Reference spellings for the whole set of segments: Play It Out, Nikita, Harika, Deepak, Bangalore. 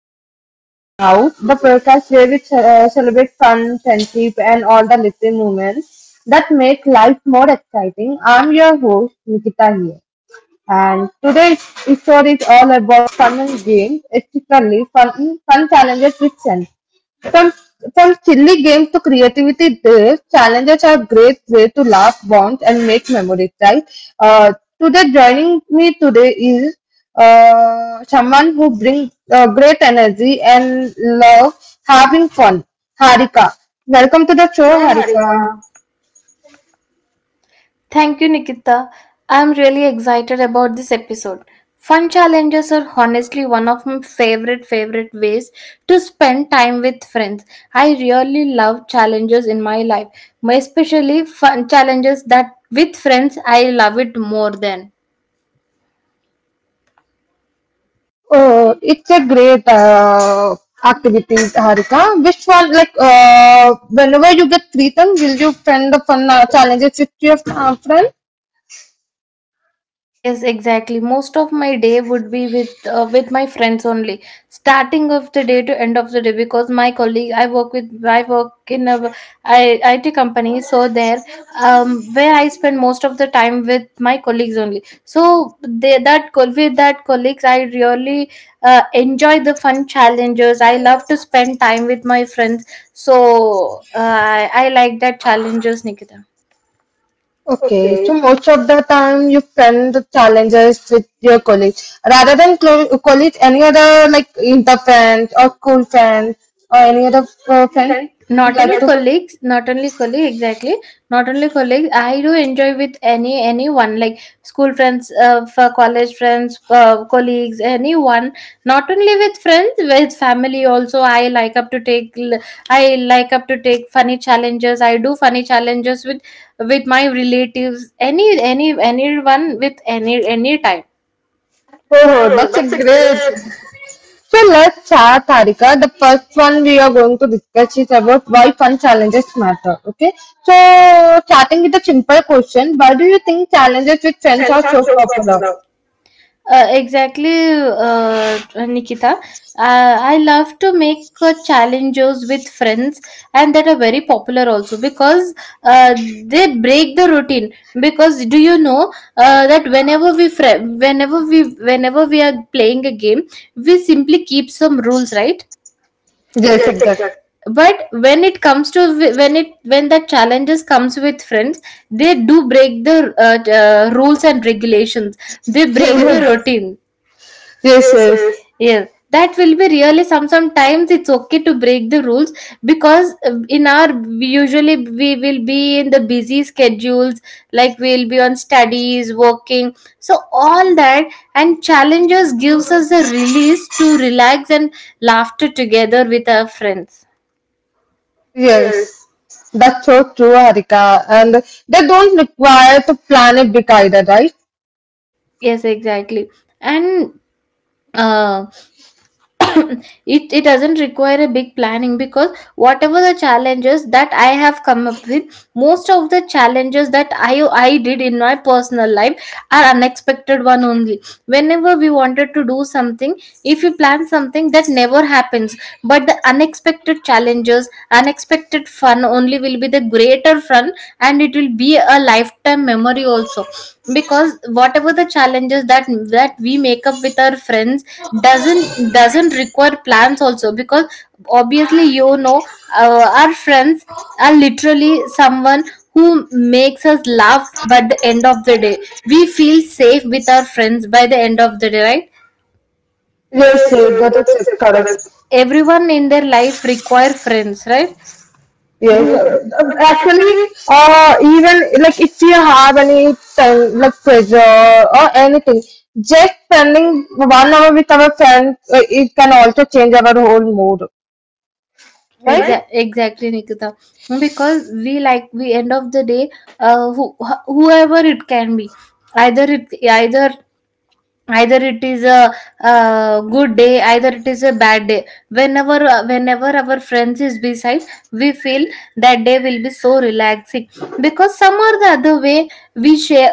back to Play It Out, the podcast where we celebrate fun, friendship, and all the little moments that make life more exciting. I'm your host, Nikita here, and today's episode is all about fun and games, especially fun challenges with friends. From from silly games to creativity, there challenges are great way to laugh, bond, and make memories. Right? Uh, today, joining me today is someone who brings great energy and love having fun. Harika, welcome to the Not show, sure, Harika. Harika. Thank you, Nikita. I'm really excited about this episode. Fun challenges are honestly one of my favorite ways to spend time with friends. I really love challenges in my life, especially fun challenges that with friends I love it more than. Oh, it's a great activity, Harika. Which one, like, whenever you get free time, will you find the fun challenges with your friends? Yes, exactly. Most of my day would be with my friends only, starting of the day to end of the day. Because my colleague, I work with, I work in a IIT company, so there, where I spend most of the time with my colleagues only. So they with that colleagues, I really enjoy the fun challenges. I love to spend time with my friends, so I like that challenges, Nikita. Okay, Okay, so most of the time you friend the challenges with your colleagues rather than colleagues, any other like inter friends or school friends or any other friend Okay. you not like only to. colleagues not only colleagues, exactly, not only colleagues. I do enjoy with anyone, like school friends, for college friends, colleagues, anyone. Not only with friends, with family also. I like up to take funny challenges. I do funny challenges with my relatives, anyone, with any time. Oh, Oh, that's a that's a great. great. So let's start, Tarika. The first one we are going to discuss is about why fun challenges matter. Okay, so starting with a simple question, why do you think challenges with It friends sends are out so so popular? popular. Uh, exactly, uh, Nikita. I love to make challenges with friends, and that are very popular also because uh, they break the routine. Because do you know that whenever we are playing a game, we simply keep some rules, right? Yes, Yes, exactly. exactly. But when it comes to when it when the challenges comes with friends, they do break the rules and regulations. They break the, yes, yes, routine. yes, Yes, yes. yes. Yes, that will be really some. Sometimes it's okay to break the rules because in our usually we will be in the busy schedules, like we'll be on studies, working, so all that, and challenges gives us a release to relax and laughter together with our friends. Yes, Yes. that's so true, Harika. And they don't require to plan it big either, right? Yes, exactly. And uh, it doesn't require a big planning because whatever the challenges that I have come up with, most of the challenges that I did in my personal life are unexpected one only. Whenever we wanted to do something, if you plan something that never happens, but the unexpected challenges, unexpected fun only will be the greater fun, and it will be a lifetime memory also. Because whatever the challenges that we make up with our friends, doesn't require plans also because obviously our friends are literally someone who makes us laugh, but the end of the day we feel safe with our friends by the end of the day, right? Yes, Yes, yes, yes, that that is is it, correct. correct. Everyone in their life require friends, right? Yes, Yes, who actually, actually. Even like if you have any time, like pressure or anything, just spending one hour with our friends, it can also change our whole mood, Right? right? Exa- exactly, Nikita. Because we like we end of the day, whoever it can be, either either it is a, uh, good day, either it is a bad day, whenever whenever our friends is beside, we feel that day will be so relaxing. Because some or the other way we share,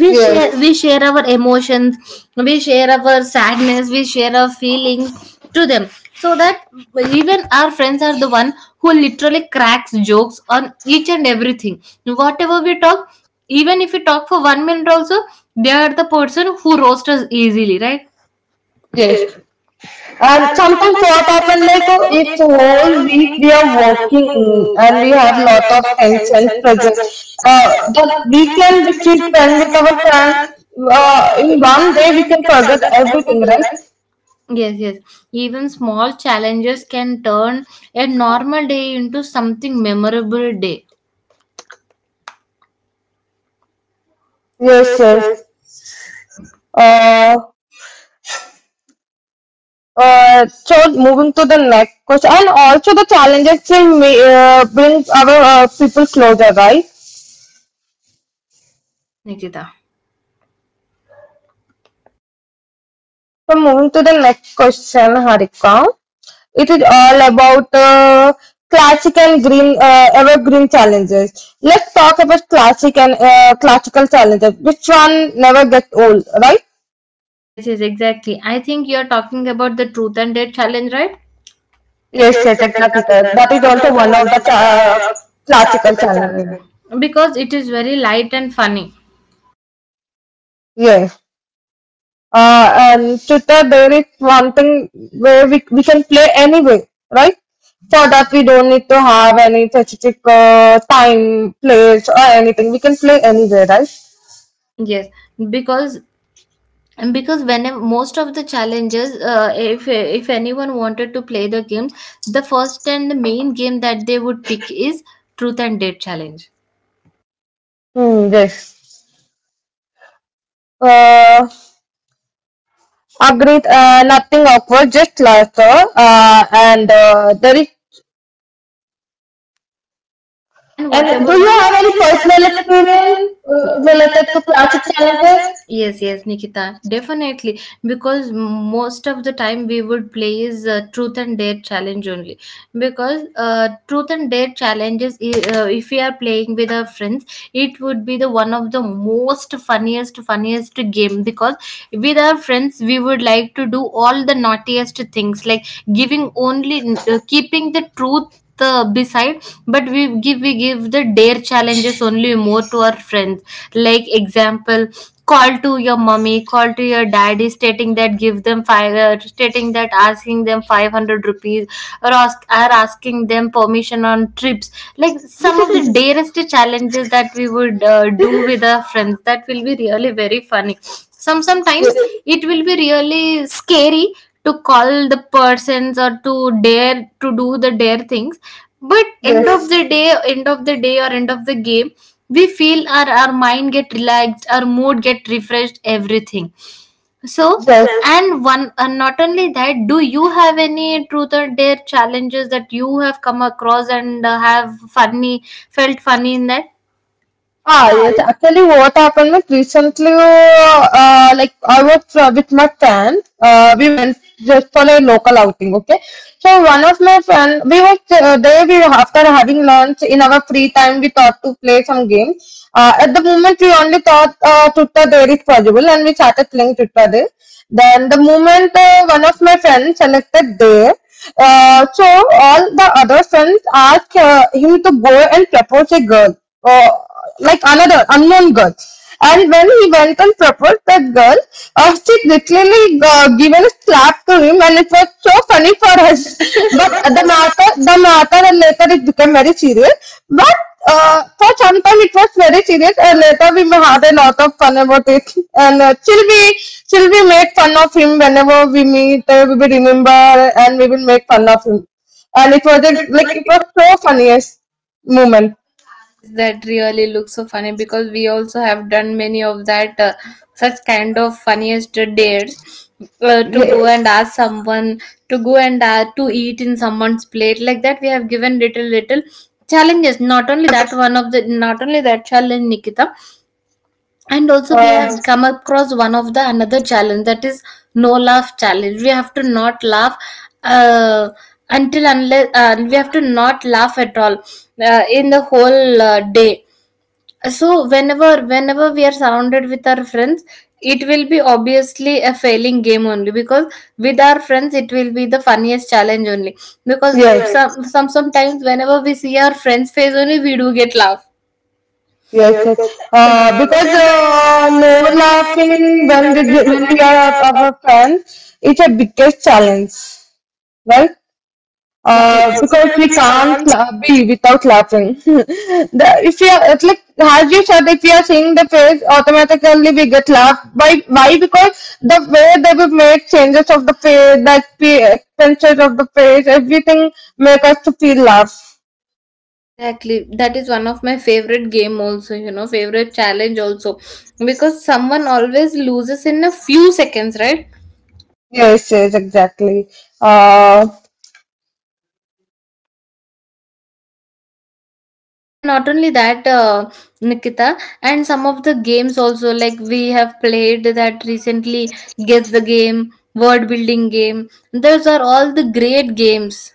we share Yes, Yes. we share our emotions, we share our sadness, we share our feelings to them. So that even our friends are the one who literally cracks jokes on each and everything whatever we talk. Even if we talk for 1 minute also, they are the person who roast us easily, right? yes. Yes. And And sometimes sometimes what what happen happened, like like oh, if if whole whole week we week we are are working working and we and we have have lot lot of of tension tension pressure. present, uh, The but we weekend can if we keep spend playing with with our our friends, friends. In In one one day we day, we can can forget forget everything, everything, right? right? Yes, yes. Even small challenges can turn a normal day into something memorable day. Yes, Yes, yes. yes. Uh, so moving to the next question, and also the challenges will bring our people closer, right? Yes, Nikita. So moving to the next question, Harika. It is all about classic and green evergreen challenges. Let's talk about classic and classical challenges. Which one never gets old, right? Yes, yes, exactly. I think you're talking about the truth and dare challenge, right? Yes, Yes, yes, yes, exactly. exactly, Correct. sir. That is That is also also one one of the of the classical classical challenges. challenges. Because it is very light and funny. Yes. uh, and Twitter there is one thing where we can play anyway, right? For that we don't need to have any specific time, place or anything. We can play anywhere, right? Yes, because because when most of the challenges, if anyone wanted to play the games, the first and the main game that they would pick is truth and date challenge. Hmm, yes. Uh, Agreed. Nothing awkward, just laughter. And there is. And And do whatever, do you you have have any any personal personal experience experience related related to to classic plastic challenges? challenges? Yes, yes, Nikita, definitely. Because most of the time we would play is truth and dare challenge only. Because truth and dare challenges, if we are playing with our friends, it would be the one of the most funniest game. Because with our friends, we would like to do all the naughtiest things, like giving only, keeping the truth the beside, but we give the dare challenges only more to our friends. Like example, call to your mommy, call to your daddy stating that give them five stating that asking them 500 rupees, or ask are asking them permission on trips. Like some of the darest challenges that we would do with our friends, that will be really very funny sometimes Yes. it will be really scary to call the persons or to dare to do the dare things, but end of Yes. the Yes. Yes. day end of the day or end of the game, we feel our mind get relaxed, our mood get refreshed, everything. So, Yes. yes. And one, and not only that, do you have any truth or dare challenges that you have come across and have funny felt funny in that? Ah, Ah, yes. Actually, what happened was recently, like I was with my friends. We went just for a local outing. Okay, so one of my friend, we was there. We after having lunch in our free time, we thought to play some games. At the moment, we only thought Twitter there is possible, and we started playing Twitter there. Then the moment one of my friends selected there, so all the other friends asked him to go and propose a girl. Oh, like another unknown girl. And when he went and proposed that girl, she literally given a slap to him, and it was so funny for us. yes. But But at the moment, and later it became very serious. But for some time it was very serious, and later we had a lot of fun about it. And till we make fun of him whenever we meet, we will remember, and we will make fun of him. And I project like. it was so funniest moment. Yes, that really looks so funny, because we also have done many of that such kind of funniest dates, to go and Yes. ask someone to go and to eat in someone's plate like that. We have given little challenges. Not only that, one of the not only that challenge, Nikita, and also we Uh, have come across one of the another challenge, that is no laugh challenge. We have to not laugh. Uh, until unless we have to not laugh at all in the whole day. So whenever we are surrounded with our friends, it will be obviously a failing game only, because with our friends it will be the funniest challenge only. Because, Yes, yes, sometimes whenever we see our friends face only, we do get laugh. yes, Yes, yes. yes. Because Because no no laughing laughing when we when we when we when we are at are, our friends, it's a biggest challenge, right? yes it is Because because we we can't can't. Be without laughing. the, if you are it's like as you said, if you are seeing the face, automatically we get laughed. Why? Why? Because the way that we made changes of the face, that the extensions of the face, everything make us to feel laugh. Exactly. That is one of my favorite game also, you know, favorite challenge also. Because someone always loses in a few seconds, right? Yes, yes, exactly. Uh, And not only that, Nikita, and some of the games also, like we have played that recently, Guess the Game, Word Building Game. Those are all the great games.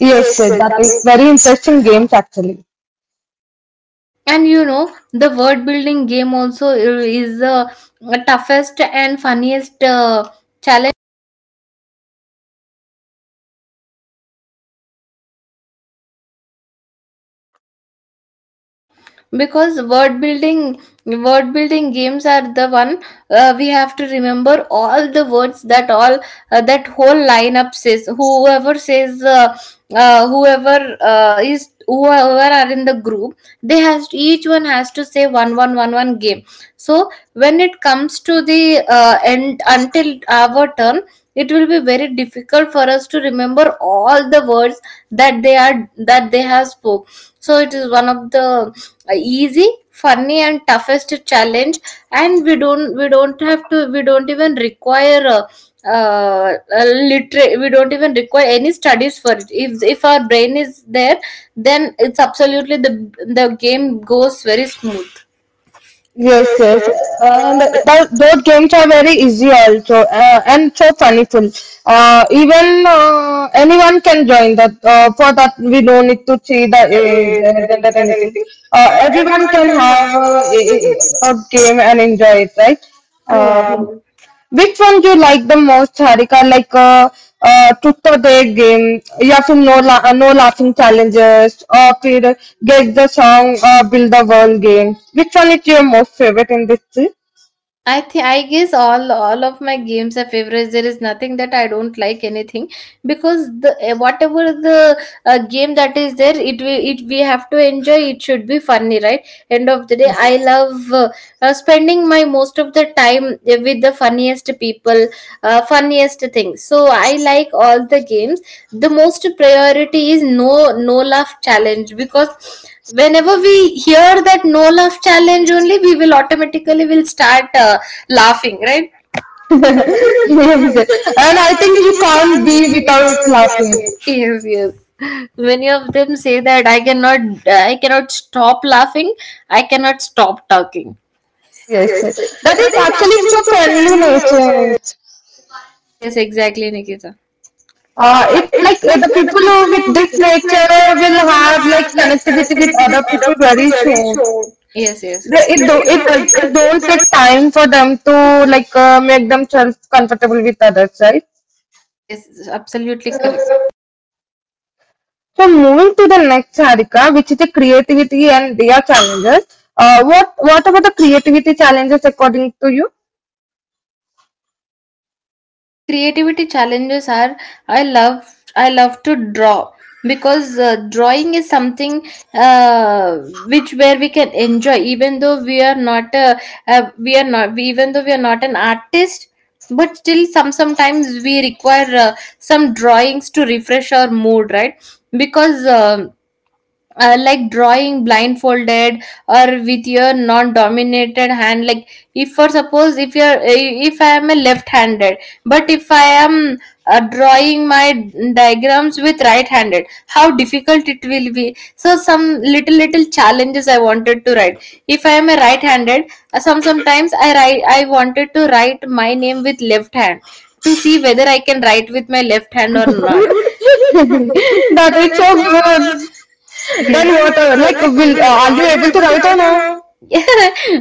Yes, Yes, yes, that that is is. very interesting games actually. And you know, the word building game also is the toughest and funniest challenge. Because word building games are the one we have to remember all the words that all, that whole lineup says, whoever says, whoever is whoever are in the group, they has to, each one has to say one game. So when it comes to the end until our turn, it will be very difficult for us to remember all the words that they are that they have spoke. So it is one of the easy, funny and toughest challenge. And we don't have to, we don't even require uh, uh, literate, we don't even require any studies for it. If our brain is there, then it's absolutely the game goes very smooth. Yes, Yes, yes, yes. and And th those games are very easy also, and so funnyful. Even anyone can join that. For that, we don't need to see the that age, is uh, gender, that, that anything. anything. Everyone Everyone can can have have that game and enjoy it, right? true, Um true. Which one do you like the most, Harika? Like Tutto De Game, या फिर No La No Laughing Challenges, और फिर Guess the Song or Build the World game. Which one is your most favorite in this three? I think I guess all of my games are favorites. There is nothing that I don't like anything, because the whatever the game that is there, it we have to enjoy. It should be funny, right? End of the day, I Yes. love spending my most of the time with the funniest people, funniest things. So I like all the games. The most priority is no laugh challenge, because whenever we hear that no laugh challenge only, we will automatically will start laughing, right? And Yes, yes. And I I think think you you can't can't be be without without laughing. laughing. Yes, yes. Many of them say that I cannot, I cannot stop laughing, I cannot stop talking. Yes, Yes, yes. yes. That That is is actually so actually so friendly friendly nature. nature. Yes, exactly, Nikita. Uh, It it like like the the people people who with who with this this nature nature will will have like have like connectivity with connectivity with other people other people very very soon. soon. Yes, yes. They- it The- do It it do does It it it, don't don't. take time for them to like make themselves comfortable with others, right? Yes, absolutely correct. So moving to the next, Harika, which is the creativity and their challenges. What about the creativity challenges according to you? The creativity challenges are I love I love to draw because drawing is something uh, which where we can enjoy even though we are not a, we are not we, even though we are not an artist but still sometimes we require some drawings to refresh our mood, right? Because like drawing blindfolded or with your non-dominated hand, like if for suppose if you're if I am a left-handed but if I am drawing my diagrams with right-handed, how difficult it will be. So some little little challenges I wanted to write, if I am a right-handed, sometimes I write, I wanted to write my name with left hand to see whether I can write with my left hand or not. That That it's is so so good. good. Yes. Then Then what? what? Like, Like, will will are you are you able to able to write or write or no? no?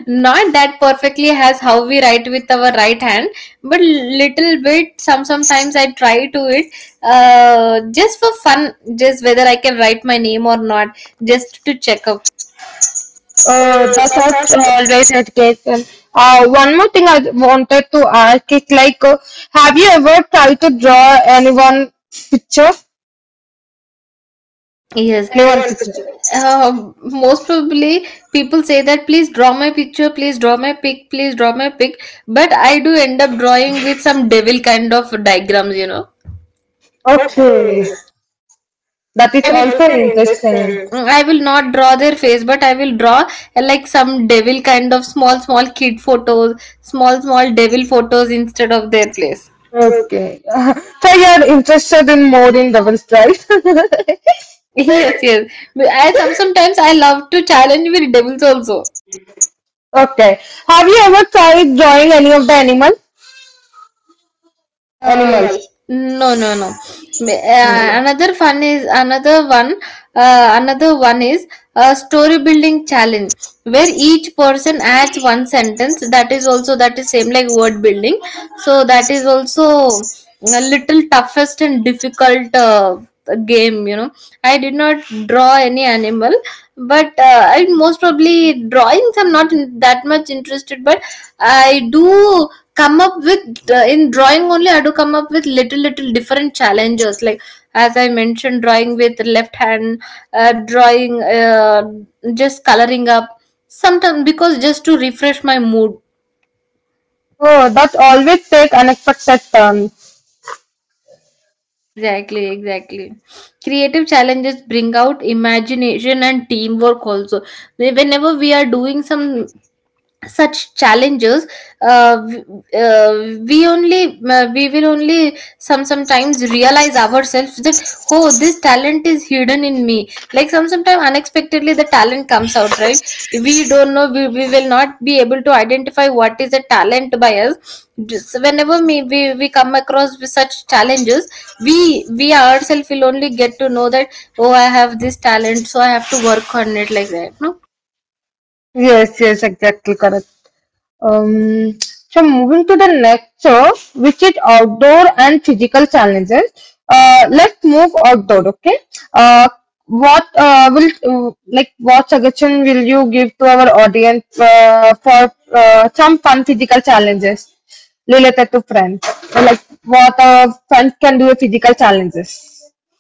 Not that perfectly as how we write with our right hand, but little bit sometimes I try to it, just for fun, just whether I can write my name or not, just to check up. That's That's not. us always education. One more thing I wanted to ask is like, have you ever tried to draw anyone picture? Yes, Anyone anyone's picture? picture. uh, Most probably people say that please draw my picture, please draw my pic, please draw my pic, but I do end up drawing with some devil kind of diagrams, you know. Okay, Okay. that Like that I is is will also also interesting. interesting. Mm, I will not draw their face, but I will draw like some devil kind of small, small kid photos, small, small devil photos instead of their place. Okay, so you're interested in more in devils, right? Yes, yes. But I sometimes I love to challenge with devils also. Okay, have you ever tried drawing any of the animal? Animals? Animals. No, no, no. No. No, another fun is another one. Another one is a story building challenge where each person adds one sentence. That is also, that is same like word building. So that is also a little toughest and difficult game. You know, I did not draw any animal, but and most probably drawings, I'm not in that much interested. But I do come up with in drawing only. I do come up with little little different challenges. Like, as I mentioned, drawing with left hand, uh, drawing, uh, just coloring up sometimes, because just to refresh my mood. Oh, that always take unexpected turns. Exactly, exactly. Creative challenges bring out imagination and teamwork also. Whenever we are doing some such challenges, uh, w- we will only sometimes realize ourselves that oh, this talent is hidden in me. Like sometimes unexpectedly the talent comes out, right? We don't know, we will not be able to identify what is a talent by us. Just whenever we come across with such challenges, we we ourselves will only get to know that oh, I have this talent, so I have to work on it, like that, no? Yes, yes, exactly correct. Um, so moving to the next show, which is outdoor and physical challenges. Let's move outdoor, okay? Uh, what suggestion will you give to our audience for some fun physical challenges related to friends? Or, like what friends can do with physical challenges?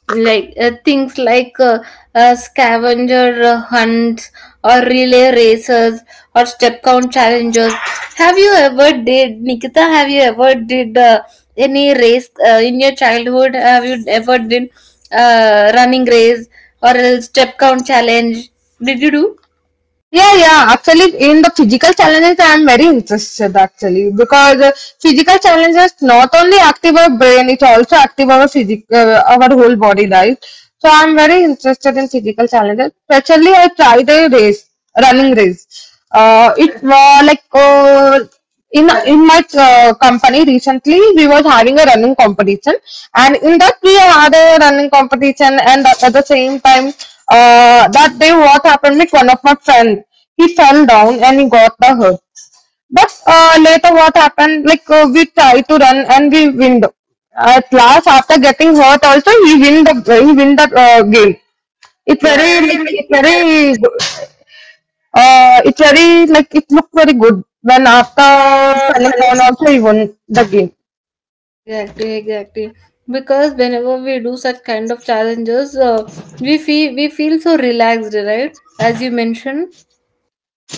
Like things like scavenger hunts or relay races or step count challenges. Have you ever did, Nikita, have you ever did any race in your childhood? Have you ever did running race or a step count challenge? Did you do? Yeah, yeah. Actually, in the physical challenges, I am very interested actually because physical challenges not only active our brain, it also active our physic, our whole body, right? So I am very interested in physical challenges. Especially, I tried a race, running race. It was like, in in my company recently we was having a running competition, and in that we had a running competition, and at the same time that day what happened with one of my friend, he fell down and he got the hurt. But later what happened, like we try to run and we win the, at last, after getting hurt also, he win the, he win the game. it's Wow. very like it's very uh, it's very like it looked very good when after falling down also he won the game. Exactly, exactly. Because whenever we do such kind of challenges, we feel so relaxed, right? As you mentioned.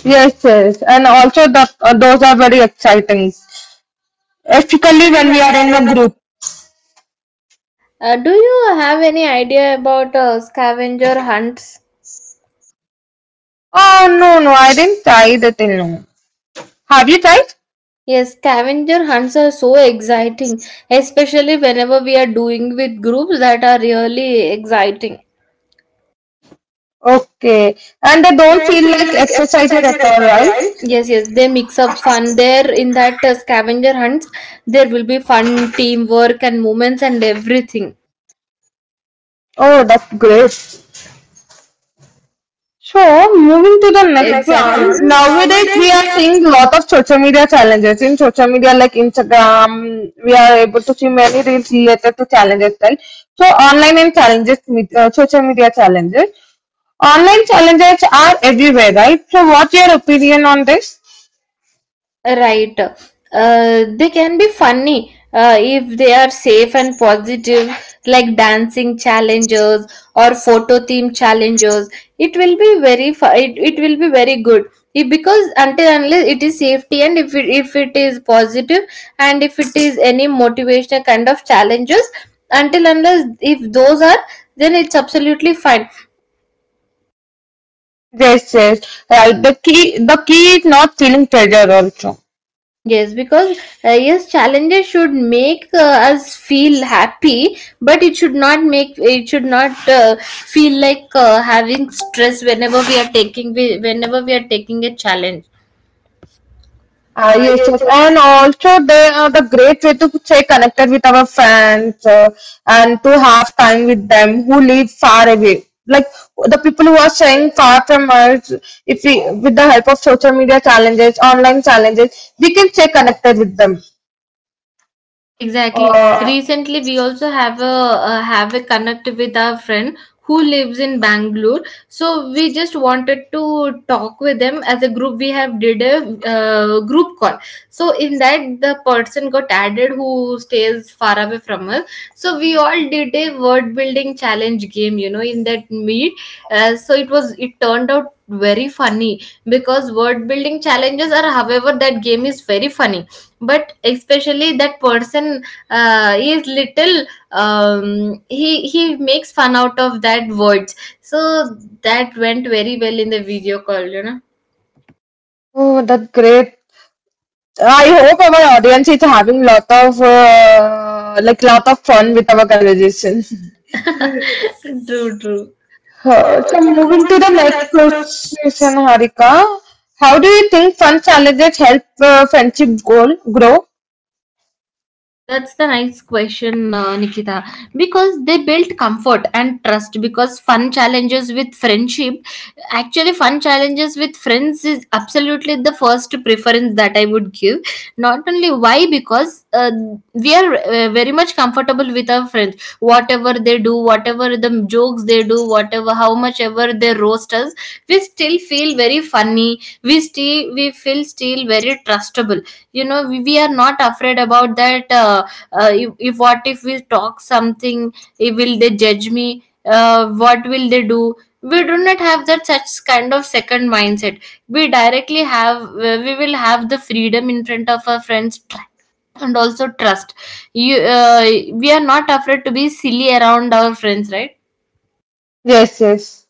Yes, yes, and also that those are very exciting, especially Typically, when we when we are are in the in the group. Do you have any idea about scavenger hunts? Oh no, no, I didn't try that till now. Have you tried? Yes, scavenger hunts are so exciting, especially whenever we are doing with groups, that are really exciting. Okay, and they And they don't don't feel feel like like exercises exercised at at all, all, right? right? Yes, yes, they mix up fun there in that scavenger hunts. There will be fun, teamwork, and moments and everything. Oh, that's great. So moving to the To the next next exactly one, one, nowadays we nowadays are we are seeing lot of social media challenges in social media like Instagram. We are able to see many reels related to challenges, right? So online and challenges, with social media challenges, online challenges are everywhere, right? So what's your opinion on this? right. They can be funny if they are safe and positive, like dancing challenges or photo theme challenges. It will be very it will be very good if, because until unless it is safety, and if if it is positive, and if it is any motivational kind of challenges, until unless if those are, then it's absolutely fine. Yes, yes, right. The key is not feeling pressure also. Yes, because yes, challenges should make us feel happy, but it should not make, it should not feel like having stress whenever we are taking, whenever we are taking a challenge. Uh, yes, yes, Yes, and also they are the great way to stay connected with our friends and to have time with them who live far away. Like the people who are staying far from us, if we, with the help of social media challenges, online challenges, we can stay connected with them. exactly. Uh, Recently, we also have a connect with our friend who lives in Bangalore. So we just wanted to talk with them as a group. We have did a group call. So in that, the person got added who stays far away from us. So we all did a word building challenge game, you know, in that meet. So it was, it turned out very funny because word building challenges are, however, that game is very funny, but especially that person is little he makes fun out of that words, so that went very well in the video call, you know. oh, that's great. I hope our audience is having lot of fun with our conversation. True, true. Huh, Sure. So So moving to moving the to the next next question. question, Harika. How do you think fun challenges help friendship goal grow? That's the nice question, Nikita. Because they built comfort and trust. Because fun challenges with friendship, actually, fun challenges with friends is absolutely the first preference that I would give. Not only why, because we are very much comfortable with our friends. Whatever they do, whatever the jokes they do, whatever how much ever they roast us, we still feel very funny, we still we feel still very trustable, you know, we are not afraid about that if what if we talk something, will they judge me, what will they do. We do not have that such kind of second mindset. We directly have we will have the freedom in front of our friends, and also trust. You We are not afraid to be silly around our friends, right? Yes, yes.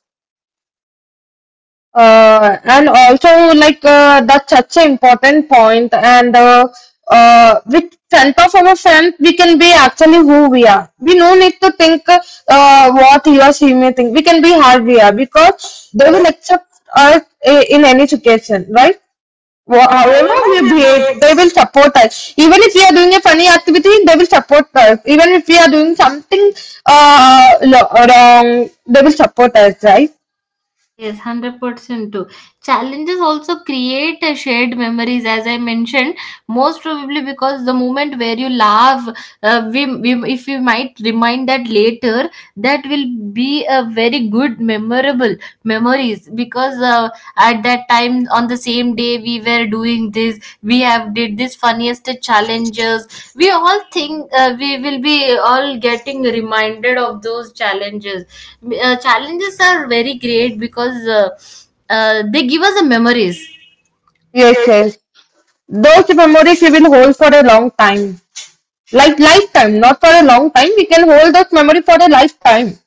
And also, like, that's such an important point, and with front of our friend we can be actually who we are. We no need to think what he or she may think. We can be how we are But because they will accept us in any situation, right? However however we we behave, behave, they will support us. Even if we are doing a funny activity, they will support us. Even if we are doing something wrong, they will support us, right? yes, 100% too. Challenges also create a shared memories, as I mentioned, most probably because the moment where you laugh, if we might remind that later, that will be a very good, memorable memories, because at that time, on the same day, we were doing this, we have did this funniest challenges. We all think we will be all getting reminded of those challenges. Challenges are very great, because they give us the memories. Yes, Yes, yes. Those memories we will hold for a long time. Like lifetime, not for a long time. We can hold those memories for a lifetime.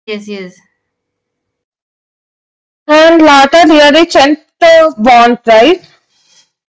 yes, yes. And later, there is strength bond, right?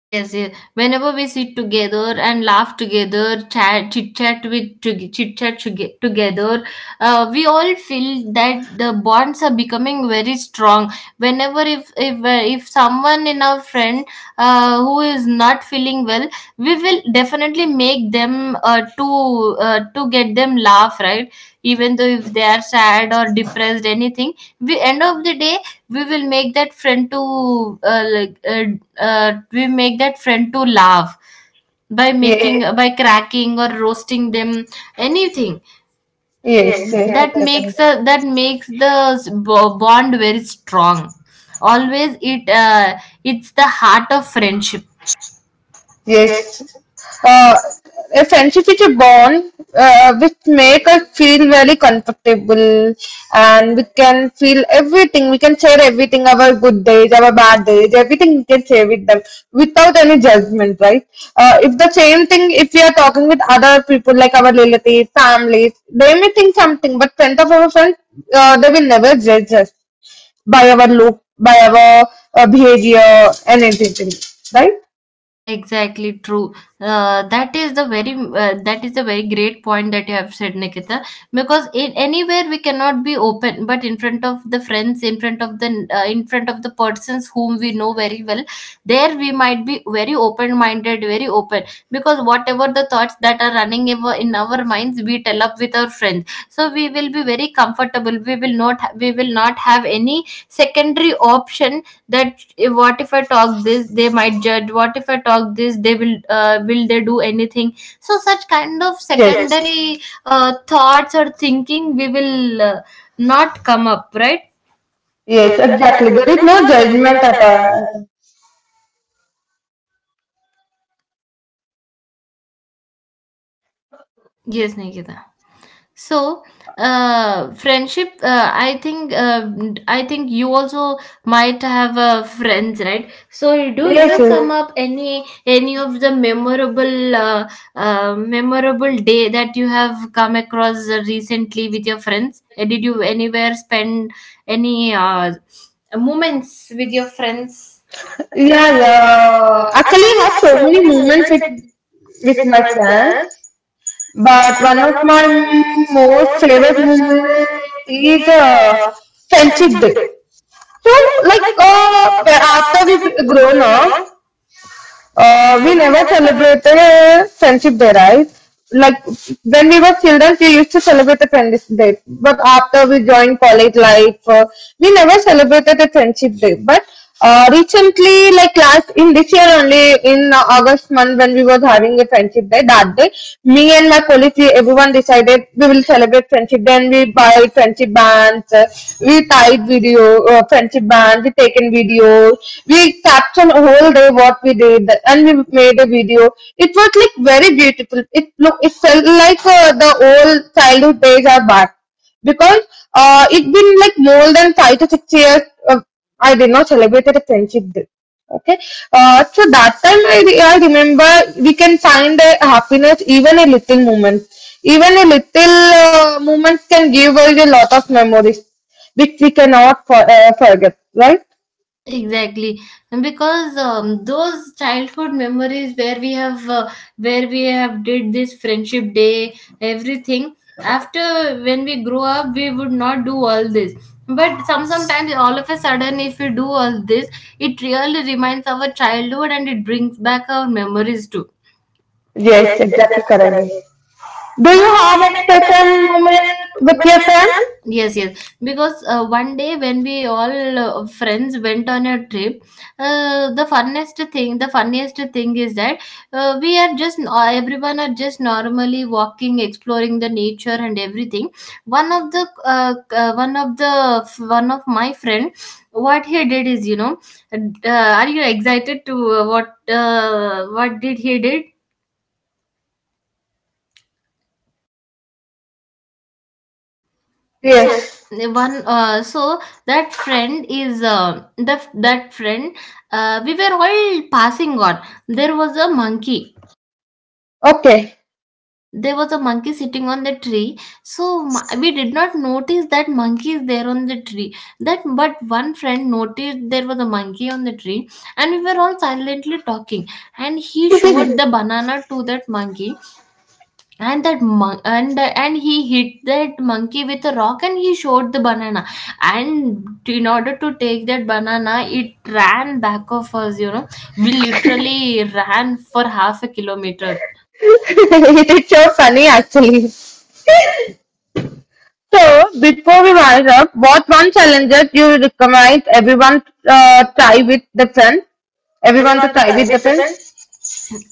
Yes, yes. Whenever we sit together and laugh together, chat, chit chat with chit chat together, we all feel that the bonds are becoming very strong. Whenever if someone in our friend who is not feeling well, we will definitely make them to get them laugh, right? Even though if they are sad or depressed, anything, we, end of the day, we will make that friend to we make that friend to laugh by making, Yes, yes, by cracking or roasting them anything. Yes, yes, yes, yes, that makes exactly. exactly a, that makes the bond very strong, always it it's the heart of friendship. Yes. Yes, Uh, a friendship is a bond which make us feel very comfortable, and we can feel everything. We can share everything, our good days, our bad days, everything we can share with them without any judgment, right? If the same thing, if we are talking with other people like our relatives, families, they may think something, but friends of our friends, they will never judge us by our look, by our behavior and everything, right? exactly true. That is the very that is the very great point that you have said, Nikita. Because in anywhere we cannot be open, but in front of the friends, in front of the in front of the persons whom we know very well, there we might be very open-minded, very open. Because whatever the thoughts that are running ever in our minds, we tell up with our friends. So we will be very comfortable. We will not ha- we will not have any secondary option, that if what if I talk this, they might judge. What if I talk this, they will, will they do anything? So such kind of, yes, Yes. secondary thoughts or thinking we will not come up, right? Yes, Yes, exactly. exactly, There there is is no no judgment judgment at at all. all. Yes, Nikita. So, friendship. I think. I think you also might have friends, right? So, do you, Yes, yes, come, yes. yes, up any of the memorable memorable day that you have come across recently with your friends? Did you anywhere spend any moments with your friends? Yeah, Yeah, yeah. yeah. Actually, I Actually, have I have so so many many moments moments with with with my my friends, friends. but But one of one of my my most most favorite favorite moments movies is is friendship Friendship day. Day. So, So, like, like, after after we we grown grown up, up, we we never never celebrate. celebrated friendship day, right? Like when we were children, we used to celebrate the friendship day. But after we joined college life, we never celebrated the friendship day. But recently, like last in this year only in August month when we was having a friendship day, that day me and my colleagues, we, everyone decided we will celebrate friendship. Then we buy friendship bands, we tied video, friendship band, we taken video, we on whole day what we did, and we made a video. It was like very beautiful, it look it felt like the old childhood days are back, because it been like more than 5 to 6 years uh, I did not celebrate a friendship day. Okay, so that time I remember we can find the happiness even a little moment. Even a little moment can give us a lot of memories which we cannot forget, right? Exactly, because those childhood memories where we have did this friendship day, everything. After when we grow up, we would not do all this. But sometimes all of a sudden, if we do all this, it really reminds our childhood and it brings back our memories too. Yes, Yes, exactly exactly correct. correct. Do Do you you have have any any person special woman moment with with your your friends? friends? Yes, yes, because one day when we all friends went on a trip, the funniest thing is that, we are just everyone are just normally walking, exploring the nature and everything. One of the uh, uh, one of the one of my friend, what he did is, you know, are you excited to what did he did? So, Yes. yes, the one, so that friend is the that friend, we were all passing on, there was a monkey, Okay. there was a monkey sitting on the tree. So we did not notice that monkey is there on the tree, that, but one friend noticed there was a monkey on the tree. And we were all silently talking, and he showed It the banana to that monkey. And that mon- and he hit that monkey with a rock and he showed the banana, and in order to take that banana, it ran back of us, you know. We literally ran for half a kilometer. is so funny actually. So before we wind up, what one challenger do you recommend everyone try with the friend? Everyone to Everyone to try try with the with the friend? friends.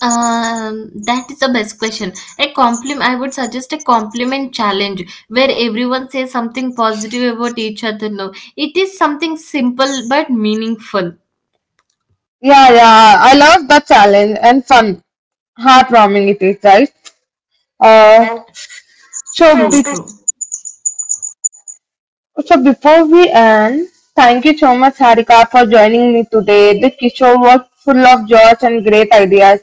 That is the best question. A compliment. I would suggest a compliment challenge where everyone says something positive about each other. No, it is something simple but meaningful. Yeah, yeah. I love that challenge and fun. Heartwarming it is, right? Uh, Uh, so so true, do, true. So before we end, thank you so much, Harika, for joining me today. This show was full of joy and great ideas.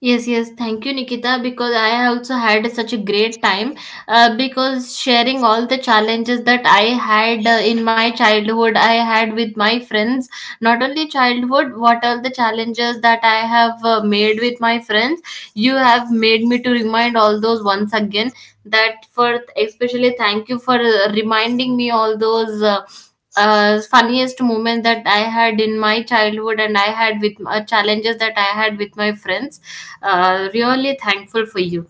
Yes, yes. Thank you, Nikita, because I also had such a great time. Because sharing all the challenges that I had in my childhood, I had with my friends, not only childhood, what all the challenges that I have made with my friends, you have made me to remind all those once again. That for especially thank you for reminding me all those funniest moment that I had in my childhood, and I had with challenges that I had with my friends. Really thankful for you.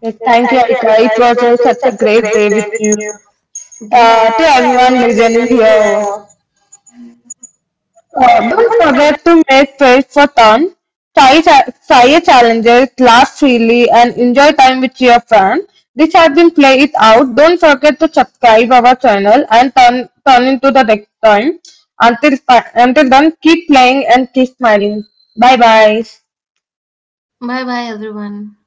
Yes, Yes, thank you, thank you, Harika. Arika. It It was was such a such a great great day day with with you. you. Great. To To everyone everyone listening listening here, here, Uh, don't don't forget. forget to make space for fun. Try challenges, laugh freely, and enjoy time with your friend. This has been Play It Out. Don't forget to subscribe our channel and turn into the next time. Until, until then, keep playing and keep smiling. Bye bye. Bye bye everyone.